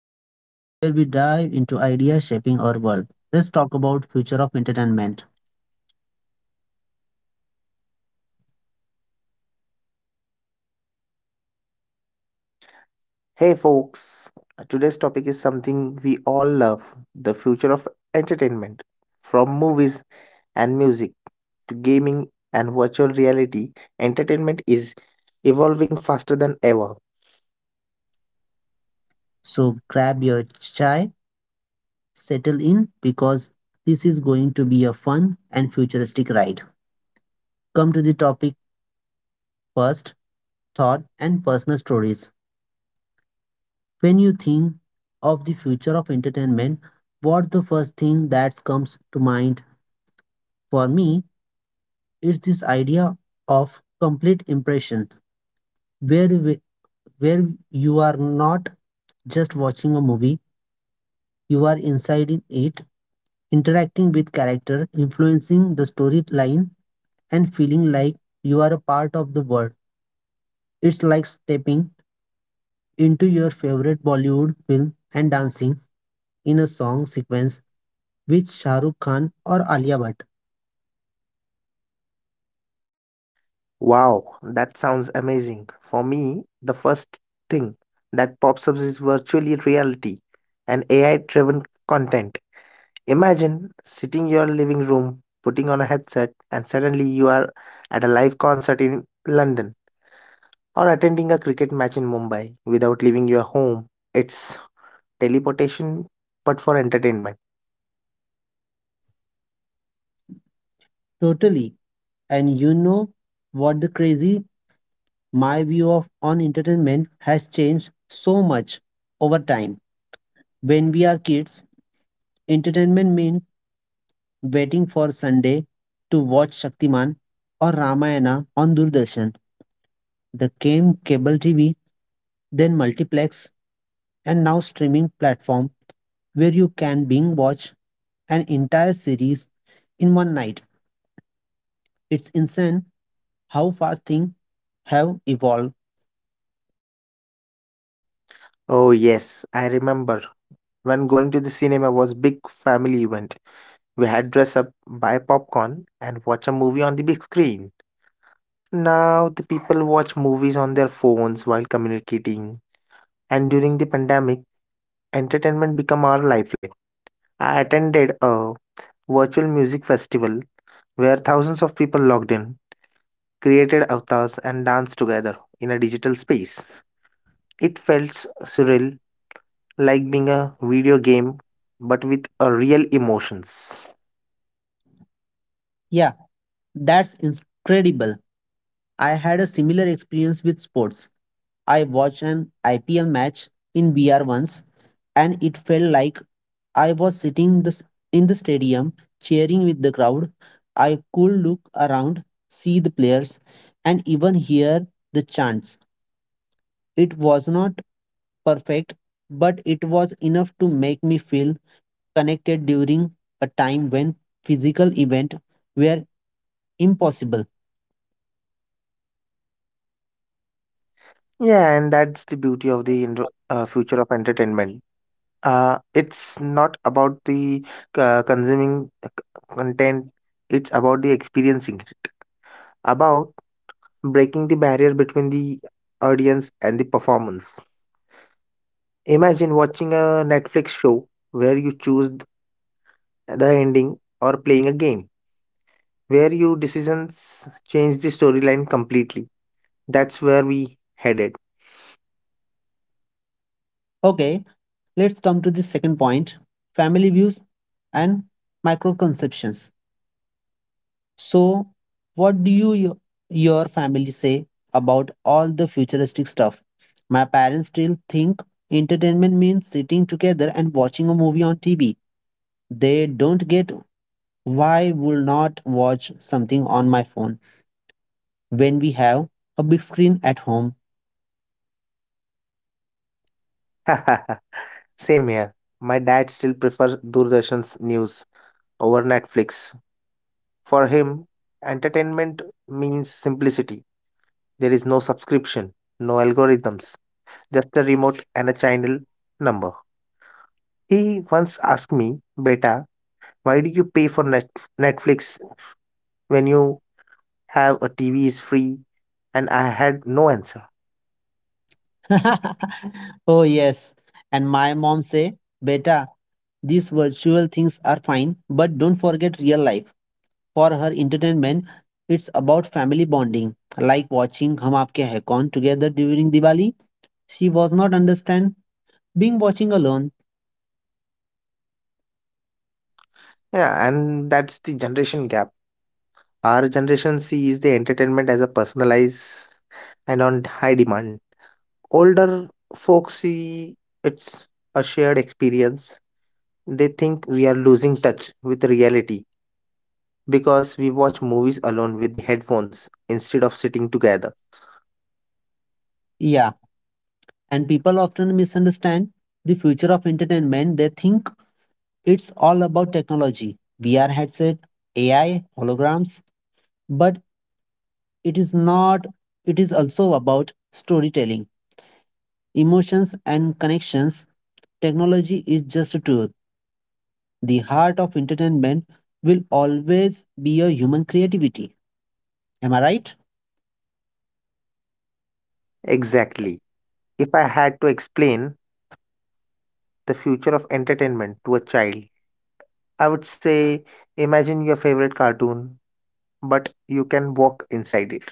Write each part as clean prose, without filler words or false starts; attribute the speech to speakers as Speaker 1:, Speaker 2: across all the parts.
Speaker 1: Big Talk, where we dive into ideas shaping our world. Let's talk about future of entertainment.
Speaker 2: Hey folks. Today's topic is something we all love, the future of entertainment. From movies and music to gaming and virtual reality, entertainment is evolving faster than ever.
Speaker 1: So grab your chai, settle in because this is going to be a fun and futuristic ride. Come to the topic first, thought and personal stories. When you think of the future of entertainment, what the first thing that comes to mind? For me, it's this idea of complete impressions where where you are not just watching a movie, you are inside in it, interacting with character, influencing the storyline, and feeling like you are a part of the world. It's like stepping into your favorite Bollywood film and dancing in a song sequence with Shah Rukh Khan or Alia Bhatt.
Speaker 2: Wow, that sounds amazing. For me, the first thing that pops up is virtual reality and AI driven content. Imagine sitting in your living room, putting on a headset, and suddenly you are at a live concert in London or attending a cricket match in Mumbai without leaving your home. It's teleportation, but for entertainment.
Speaker 1: Totally. And you know what the crazy my view of on entertainment has changed so much over time. When we are kids, entertainment meant waiting for Sunday to watch Shaktiman or Ramayana on Doordarshan. The came cable TV, then multiplex, and now streaming platform where you can binge watch an entire series in one night. It's insane how fast things have evolved.
Speaker 2: Oh, yes, I remember when going to the cinema was big family event. We had dress up, buy popcorn, and watch a movie on the big screen. Now the people watch movies on their phones while communicating. And during the pandemic, entertainment became our lifeline. I attended a virtual music festival where thousands of people logged in created avatars and danced together in a digital space. It felt surreal, like being a video game but with a real emotions.
Speaker 1: Yeah, that's incredible. I had a similar experience with sports. I watched an IPL match in VR once and it felt like I was sitting the, in the stadium cheering with the crowd. I could look around, see the players, and even hear the chants. It was not perfect, but it was enough to make me feel connected during a time when physical events were impossible.
Speaker 2: Yeah, and that's the beauty of the future of entertainment. It's not about the consuming content, it's about the experiencing it, about breaking the barrier between the audience and the performance. Imagine watching a Netflix show where you choose the ending, or playing a game where your decisions change the storyline completely. That's where we headed.
Speaker 1: Okay, let's come to the second point family views and microconceptions. So, what do you your family say about all the futuristic stuff? My parents still think entertainment means sitting together and watching a movie on TV. They don't get why will not watch something on my phone when we have a big screen at home.
Speaker 2: Same here. My dad still prefers Doordarshan's news over Netflix. For him, entertainment means simplicity. There is no subscription, no algorithms, just a remote and a channel number. He once asked me, Beta, why do you pay for Netflix when you have a TV is free? And I had no answer.
Speaker 1: Oh yes, and my mom say, "Beta, these virtual things are fine, but don't forget real life. For her entertainment, it's about family bonding, like watching Hum Aapke Hai Kaun together during Diwali. She was not understand being watching alone.
Speaker 2: Yeah, and that's the generation gap. Our generation sees the entertainment as a personalized and on high demand. Older folks see it's a shared experience. They think we are losing touch with reality because we watch movies alone with the headphones instead of sitting together.
Speaker 1: Yeah, and people often misunderstand the future of entertainment. They think it's all about technology, VR headset, AI, holograms, but it is not. It is also about storytelling, emotions, and connections. Technology is just a tool. The heart of entertainment will always be a human creativity. Am I right?
Speaker 2: Exactly. If I had to explain the future of entertainment to a child, I would say imagine your favorite cartoon, but you can walk inside it.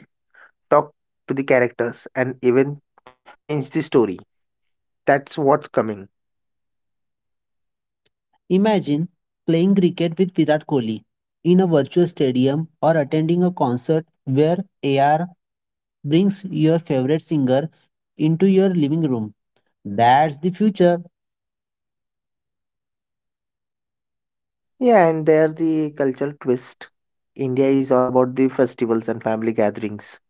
Speaker 2: Talk to the characters and even change the story. That's what's coming.
Speaker 1: Imagine playing cricket with Virat Kohli in a virtual stadium or attending a concert where AR brings your favorite singer into your living room. That's the future.
Speaker 2: Yeah, and there the cultural twist. India is all about the festivals and family gatherings.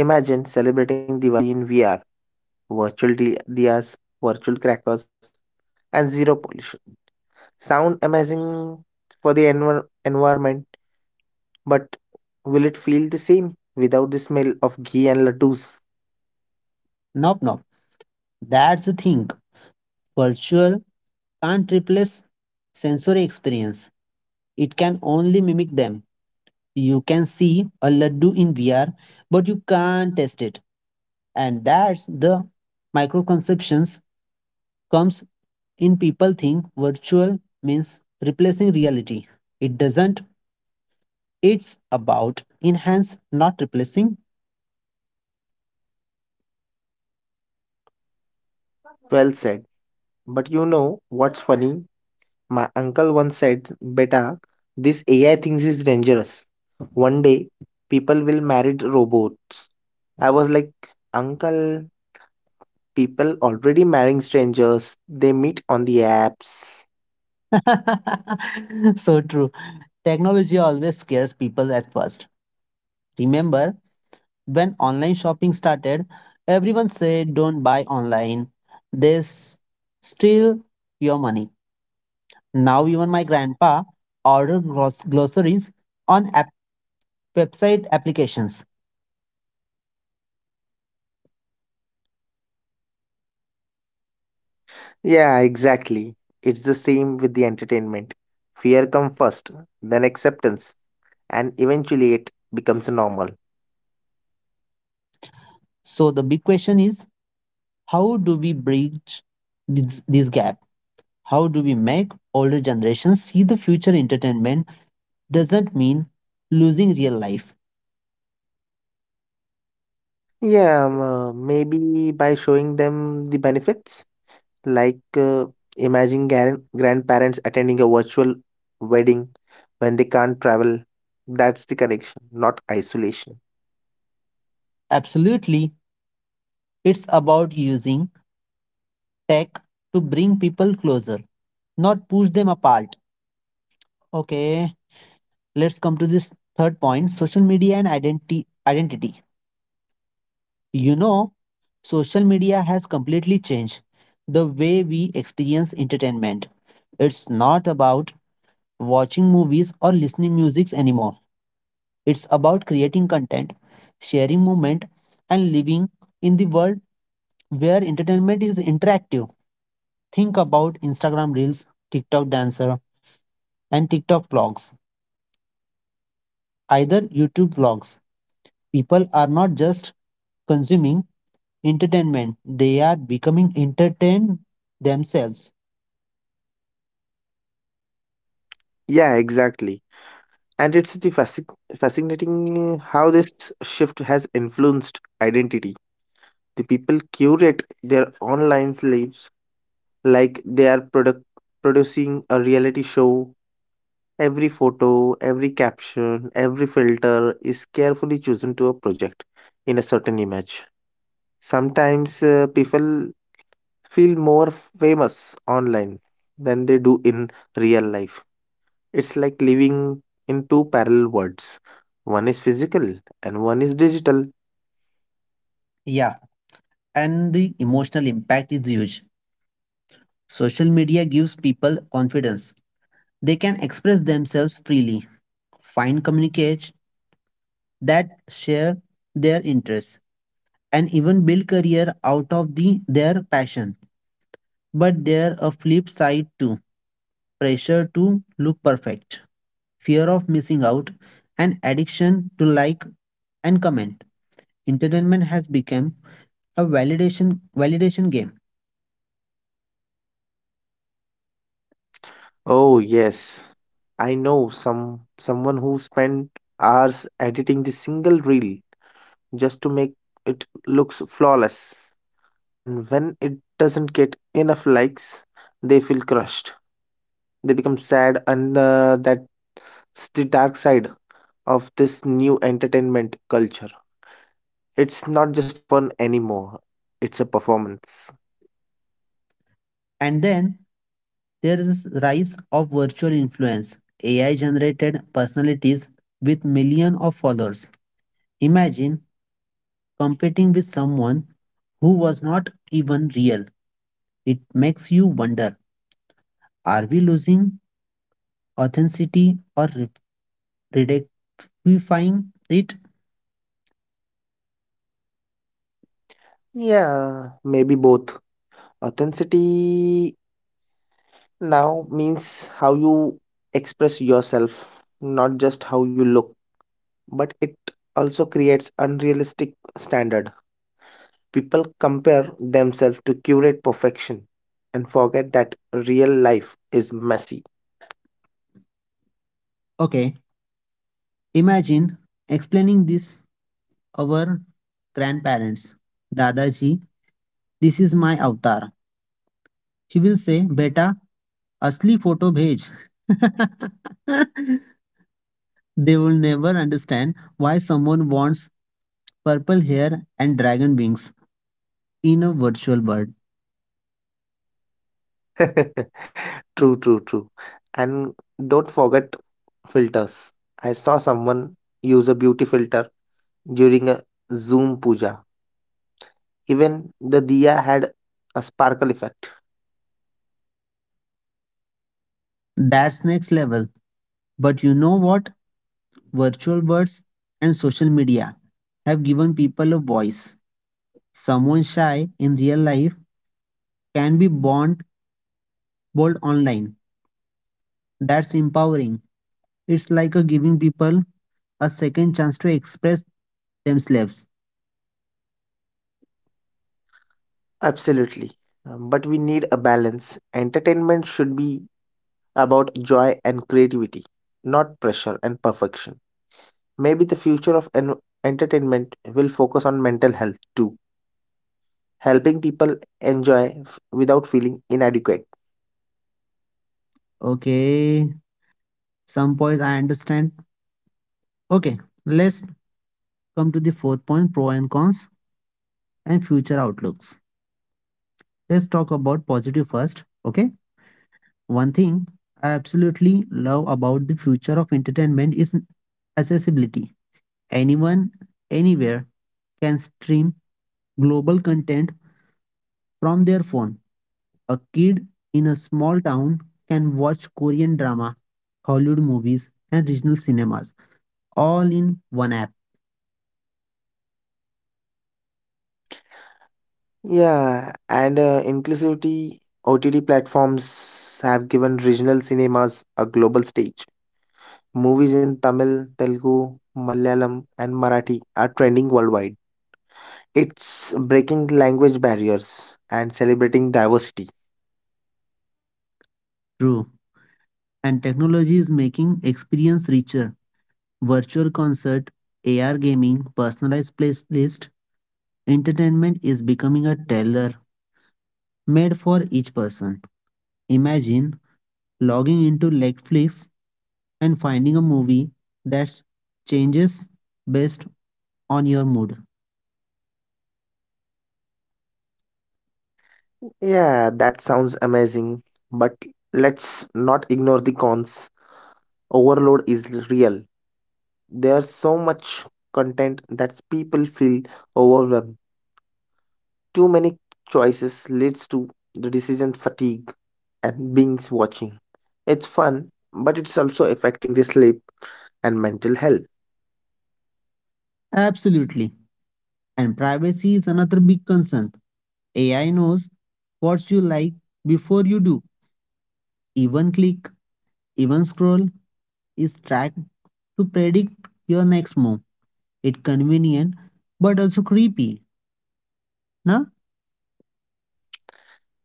Speaker 2: Imagine celebrating Diwali in VR, diyas, virtual crackers, and zero pollution. Sound amazing for the environment, but will it feel the same without the smell of ghee and laddus?
Speaker 1: Nope, nope. That's the thing. Virtual can't replace sensory experience. It can only mimic them. You can see a laddu in VR, but you can't taste it. And that's the microconceptions comes in people think virtual means replacing reality. It doesn't. It's about enhance, not replacing.
Speaker 2: Well said. But you know what's funny? My uncle once said, Beta, this AI things is dangerous. One day, people will marry robots. I was like, Uncle, people already marrying strangers. They meet on the apps.
Speaker 1: So true. Technology always scares people at first. Remember when online shopping started, everyone said don't buy online. They steal your money. Now even my grandpa order glossaries on website applications.
Speaker 2: Yeah, exactly. It's the same with the entertainment. Fear comes first, then acceptance, and eventually it becomes normal.
Speaker 1: So the big question is how do we bridge this gap? How do we make older generations see the future entertainment doesn't mean losing real life?
Speaker 2: Yeah, maybe by showing them the benefits. Like, imagine grandparents attending a virtual wedding when they can't travel. That's the connection, not isolation.
Speaker 1: Absolutely, it's about using tech to bring people closer, not push them apart. Okay, let's come to this third point social media and identity. You know, social media has completely changed the way we experience entertainment. It's not about watching movies or listening music anymore. It's about creating content, sharing movement, and living in the world where entertainment is interactive. Think about Instagram Reels, TikTok Dancer, and TikTok vlogs, either YouTube vlogs. People are not just consuming entertainment, they are becoming entertained themselves.
Speaker 2: Yeah, exactly. And it's the fascinating, how this shift has influenced identity. The people curate their online lives like they are producing a reality show. Every photo, every caption, every filter is carefully chosen to a project in a certain image. Sometimes people feel more famous online than they do in real life. It's like living in two parallel worlds. One is physical and one is digital.
Speaker 1: Yeah, and the emotional impact is huge. Social media gives people confidence. They can express themselves freely, find communicates that share their interests, and even build career out of the their passion. But there a flip side too: pressure to look perfect, fear of missing out, and addiction to like and comment. Entertainment has become a validation game.
Speaker 2: Oh yes. I know someone who spent hours editing the single reel just to make it looks flawless. And when it doesn't get enough likes, they feel crushed. They become sad, and that's the dark side of this new entertainment culture. It's not just a fun anymore, it's a performance.
Speaker 1: And then there is rise of virtual influence, AI generated personalities with millions of followers. Imagine competing with someone who was not even real. It makes you wonder, are we losing authenticity or re- ridiculifying it?
Speaker 2: Yeah, maybe both. Authenticity now means how you express yourself, not just how you look, but it also creates unrealistic standards. People compare themselves to curate perfection and forget that real life is messy.
Speaker 1: Okay, imagine explaining this our grandparents. Dadaji, this is my avatar. He will say, beta, asli photo bhej. They will never understand why someone wants purple hair and dragon wings in a virtual world.
Speaker 2: True, true, true. And don't forget filters. I saw someone use a beauty filter during a Zoom puja. Even the diya had a sparkle effect.
Speaker 1: That's next level. But you know what? Virtual worlds and social media have given people a voice. Someone shy in real life can be born bold online. That's empowering. It's like a giving people a second chance to express themselves.
Speaker 2: Absolutely. But we need a balance. Entertainment should be about joy and creativity, not pressure and perfection. Maybe the future of entertainment will focus on mental health too, helping people enjoy without feeling inadequate.
Speaker 1: Okay, some points I understand. Okay, let's come to the fourth point pro and cons and future outlooks. Let's talk about positive first. Okay. One thing I absolutely love about the future of entertainment is accessibility. Anyone, anywhere can stream global content from their phone. A kid in a small town can watch Korean drama, Hollywood movies, and regional cinemas all in one app.
Speaker 2: Yeah, and inclusivity OTT platforms have given regional cinemas a global stage. Movies in Tamil, Telugu, Malayalam, and Marathi are trending worldwide. It's breaking language barriers and celebrating diversity.
Speaker 1: True. And technology is making experience richer. Virtual concert, AR gaming, personalized playlist, entertainment is becoming a tailor made for each person. Imagine logging into Netflix and finding a movie that changes based on your mood.
Speaker 2: Yeah, that sounds amazing, but let's not ignore the cons. Overload is real. There's so much content that people feel overwhelmed. Too many choices leads to the decision fatigue and binge watching. It's fun, but it's also affecting the sleep and mental health.
Speaker 1: Absolutely. And privacy is another big concern. AI knows what you like before you do. Even click, even scroll is tracked to predict your next move. It convenient but also creepy. Na?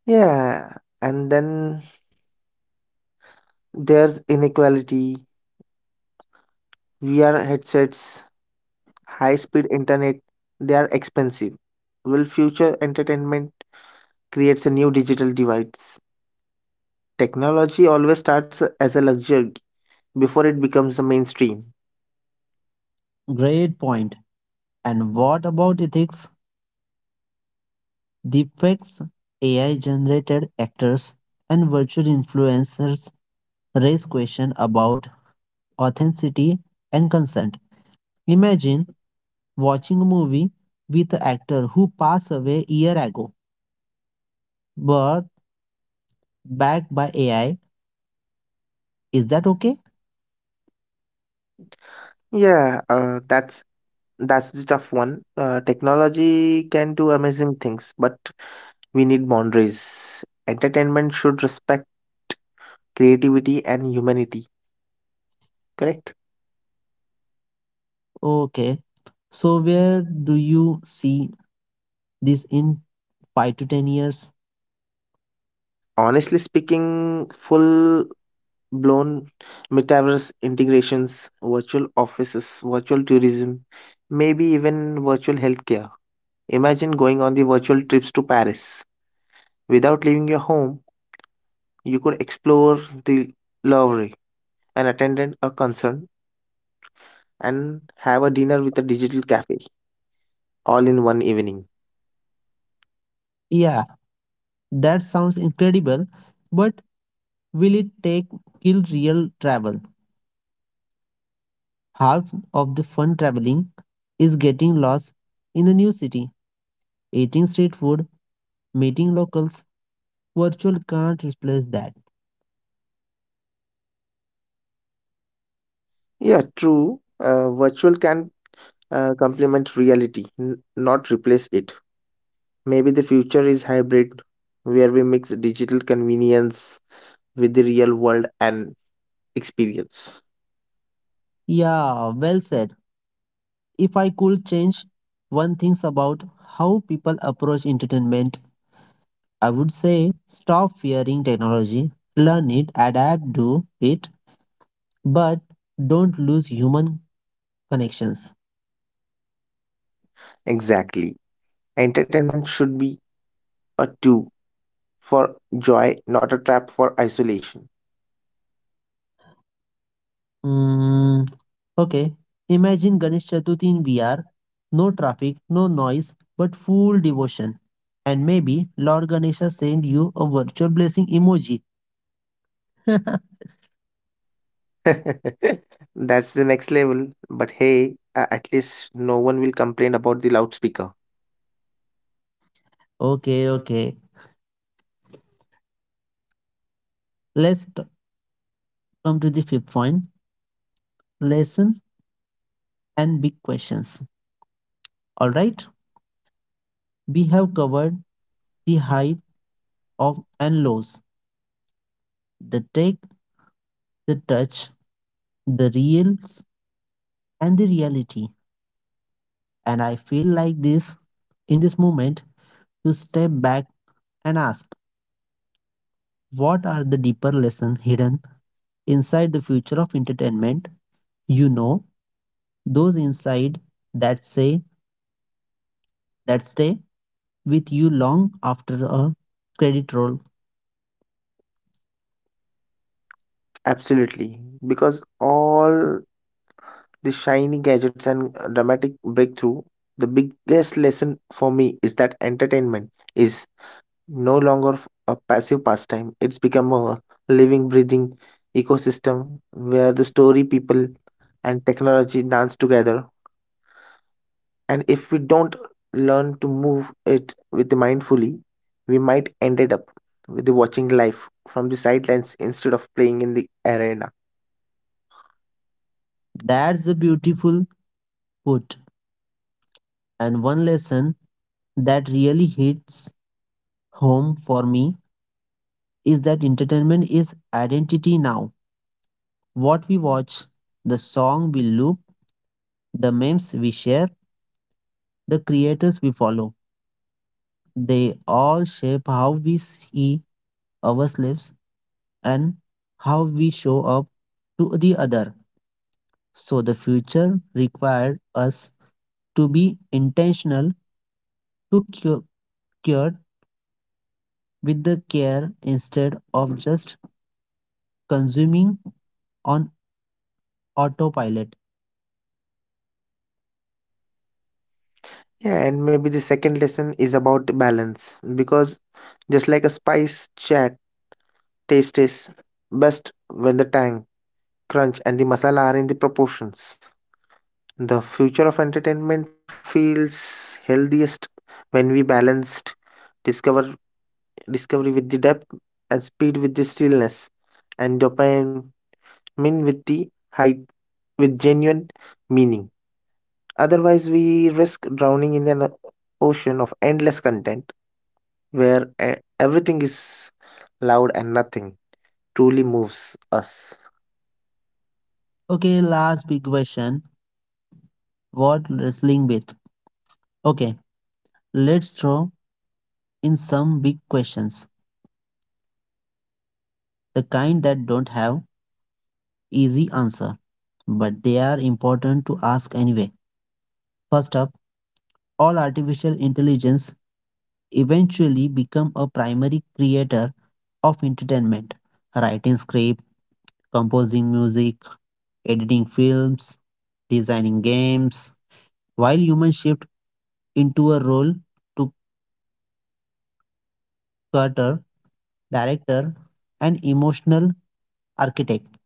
Speaker 2: Yeah, and then there's inequality. VR headsets, high speed internet, they are expensive. Will future entertainment creates a new digital divide? Technology always starts as a luxury before it becomes the mainstream.
Speaker 1: Great point. And what about ethics? Deepfakes, AI generated actors, and virtual influencers raise questions about authenticity and consent. Imagine watching a movie with an actor who passed away a year ago, but backed by AI. Is that okay?
Speaker 2: Yeah, that's the tough one. Technology can do amazing things, but we need boundaries. Entertainment should respect creativity and humanity. Correct.
Speaker 1: Okay. So where do you see this in 5 to 10 years?
Speaker 2: Honestly speaking, full blown metaverse integrations, virtual offices, virtual tourism, maybe even virtual healthcare. Imagine going on the virtual trips to Paris without leaving your home. You could explore the Louvre, and attend a concert, and have a dinner with a digital cafe all in one evening.
Speaker 1: Yeah, that sounds incredible, but will it take kill real travel? Half of the fun traveling is getting lost in the new city, eating street food, meeting locals, virtual can't replace that.
Speaker 2: Yeah, true. Virtual can complement reality, not replace it. Maybe the future is hybrid, where we mix digital convenience with the real world and experience.
Speaker 1: Yeah, well said. If I could change one thing about how people approach entertainment, I would say stop fearing technology, learn it, adapt to it, but don't lose human connections.
Speaker 2: Exactly. Entertainment should be a tool for joy, not a trap for isolation.
Speaker 1: Mm, okay, imagine Ganesh Chaturthi in VR, no traffic, no noise, but full devotion. And maybe Lord Ganesha send you a virtual blessing emoji.
Speaker 2: That's the next level. But hey, at least no one will complain about the loudspeaker.
Speaker 1: Okay, okay. Let's come to the fifth point lesson and big questions. All right, we have covered the high of and lows, the take, the touch, the reals, and the reality. And I feel like this in this moment, you step back and ask what are the deeper lessons hidden inside the future of entertainment? You know, those inside that say that stay with you long after a credit roll.
Speaker 2: Absolutely. Because all the shiny gadgets and dramatic breakthrough, the biggest lesson for me is that entertainment is no longer a passive pastime. It's become a living, breathing ecosystem where the story, people, and technology dance together, and if we don't learn to move it with mindfully, we might ended up with the watching life from the sidelines instead of playing in the arena.
Speaker 1: That's the beautiful put. And one lesson that really hits home for me is that entertainment is identity now. What we watch, the song we loop, the memes we share, the creators we follow. They all shape how we see ourselves and how we show up to the other. So the future required us to be intentional to cured with the care instead of just consuming on autopilot.
Speaker 2: Yeah, and maybe the second lesson is about balance, because just like a spice chat taste is best when the tang crunch and the masala are in the proportions, the future of entertainment feels healthiest when we balanced discover discovery with the depth, and speed with the stillness, and dopamine with the height with genuine meaning. Otherwise, we risk drowning in an ocean of endless content where everything is loud and nothing truly moves us.
Speaker 1: Okay, last big question. What wrestling with? Okay, let's throw in some big questions, the kind that don't have easy answer. But they are important to ask anyway. First up, all artificial intelligence eventually become a primary creator of entertainment, writing script, composing music, editing films, designing games, while humans shift into a role to cutter, director, and emotional architect.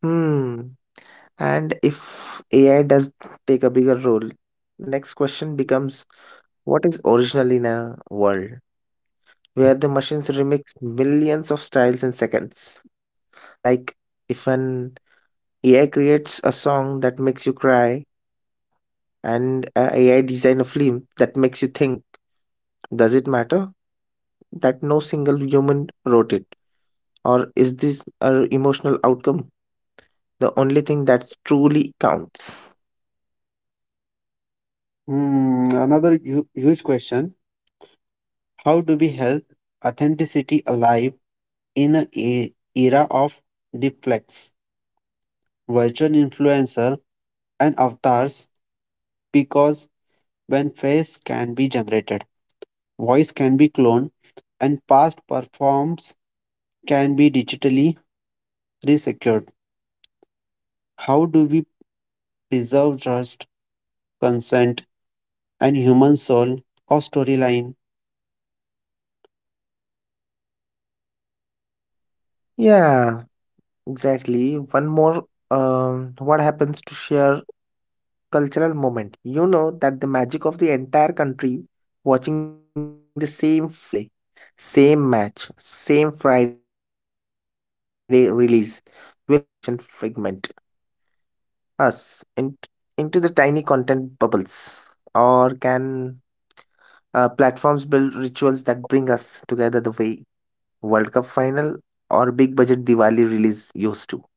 Speaker 2: Hmm. And if AI does take a bigger role, next question becomes what is original in a world where the machines remix millions of styles in seconds? Like if an AI creates a song that makes you cry, and a AI design a film that makes you think, does it matter that no single human wrote it? Or is this our emotional outcome the only thing that truly counts?
Speaker 1: Hmm, another huge question. How do we help authenticity alive in an era of deflects, virtual influencer, and avatars? Because when face can be generated, voice can be cloned, and past performs can be digitally resecured. How do we preserve trust, consent, and human soul of storyline?
Speaker 2: Yeah, exactly. One more, what happens to share cultural moment? You know that the magic of the entire country watching the same finale, same match, same Friday release will hyper personalization fragment us in, into the tiny content bubbles? Or can platforms build rituals that bring us together the way World Cup final or big budget Diwali release used to?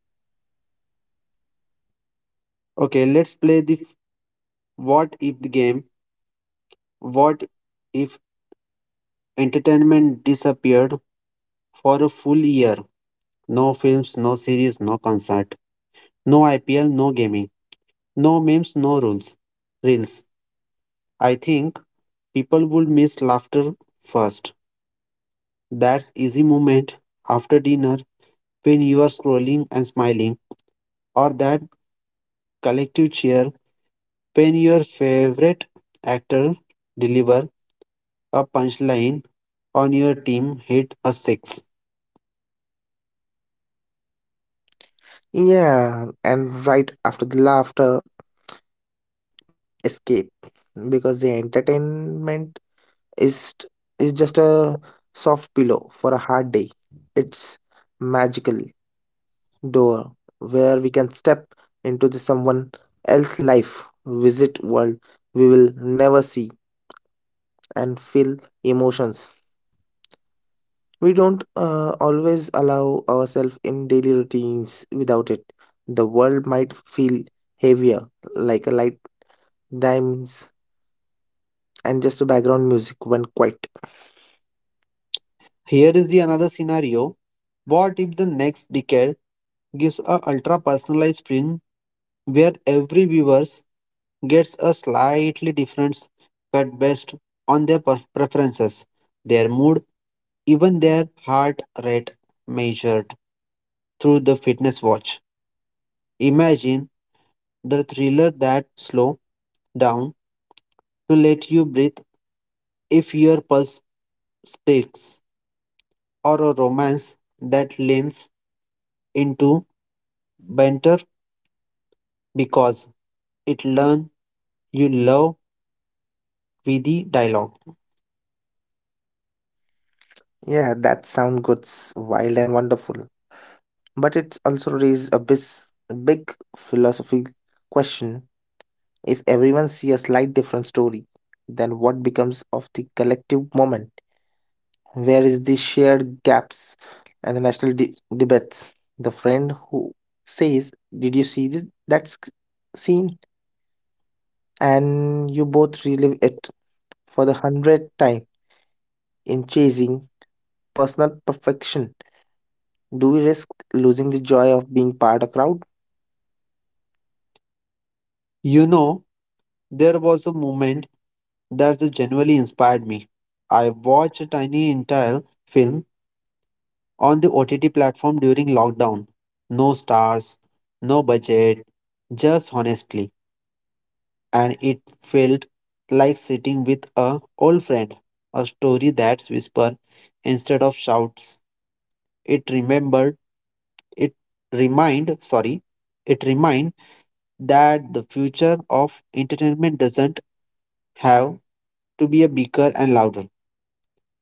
Speaker 1: Okay, let's play the what if the game. What if entertainment disappeared for a full year? No films, no series, no concert, no IPL, no gaming, no memes, no rules. Reels. I think people would miss laughter first. That easy moment after dinner when you are scrolling and smiling, or that collective cheer when your favorite actor deliver a punchline on your team hit a six.
Speaker 2: Yeah, and right after the laughter, we had missed escape because the entertainment is is just a soft pillow for a hard day. It's magical door where we can step into the someone else's life, visit world we will never see and feel emotions we don't always allow ourselves in daily routines. Without it the world might feel heavier, like a light dims and just a background music when quiet.
Speaker 1: Here is the another scenario. What if the next decade gives a ultra personalized film where every viewer gets a slightly different cut based on their preferences, their mood, even their heart rate measured through the fitness watch. Imagine the thriller that slow down to let you breathe if your pulse speaks, or a romance that leans into banter because it learns you love with the dialogue.
Speaker 2: Yeah, that sound goes wild and wonderful, but it also raises a big philosophy question. If everyone see a slight different story, then what becomes of the collective moment? Where is the shared gaps and the national debates? The friend who says, "Did you see this that scene?" and you both relive it for the hundredth time in chasing personal perfection. Do we risk losing the joy of being part of crowd?
Speaker 1: You know, there was a moment that genuinely inspired me. I watched a tiny entire film on the OTT platform during lockdown. No stars, no budget, just honestly. And it felt like sitting with a old friend. A story that's whisper instead of shouts. It remembered it remind sorry. It remind that the future of entertainment doesn't have to be a bigger and louder.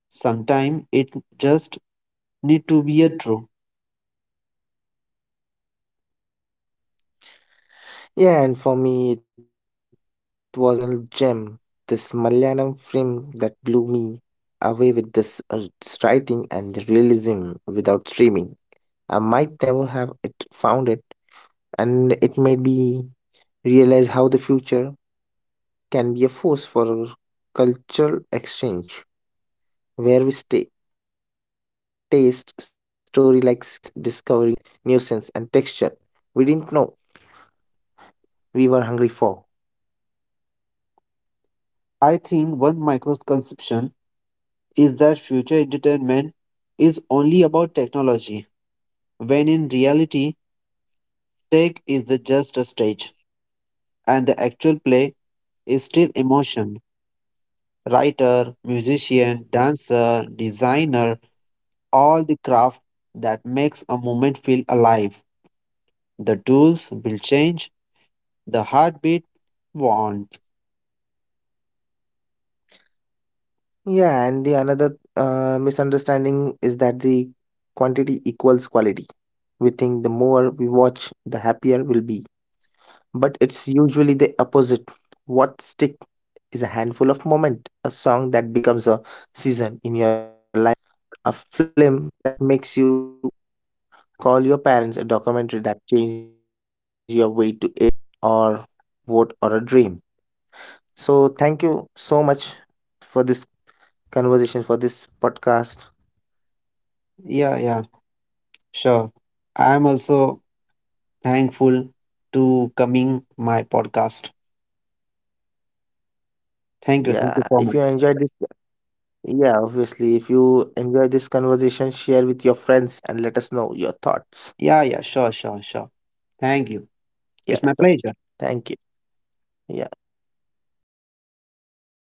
Speaker 1: Sometimes it just need to be a true.
Speaker 2: Yeah, and for me, it was a regional gem. This Malayalam film that blew me away with this its writing and the realism without streaming. I might never have it found it, and it made me realize how the future can be a force for cultural exchange, where we stay, taste story like cuisines, discovering nuisance and texture we didn't know we were hungry for.
Speaker 1: I think one misconception is that future entertainment is only about technology, when in reality, tech is the just a stage, and the actual play is still emotion. Writer, musician, dancer, designer, all the craft that makes a moment feel alive. The tools will change, the heartbeat won't.
Speaker 2: Yeah, and the another misunderstanding is that the quantity equals quality. We think the more we watch, the happier we'll be. But it's usually the opposite. What stick is a handful of moment, a song that becomes a season in your life, a film that makes you call your parents, a documentary that changes your way to it or vote or a dream. So thank you so much for this conversation, for this podcast.
Speaker 1: Yeah, yeah, sure. I am also thankful to coming my podcast. Thank you. Thank you
Speaker 2: Yeah,
Speaker 1: so
Speaker 2: if
Speaker 1: much.
Speaker 2: you enjoyed this. Yeah, obviously. If you enjoy this conversation, share with your friends and let us know your thoughts.
Speaker 1: Yeah, yeah, sure, sure, sure. Thank you. It's
Speaker 2: Yeah,
Speaker 1: my
Speaker 2: sure.
Speaker 1: pleasure.
Speaker 2: Thank you. Yeah.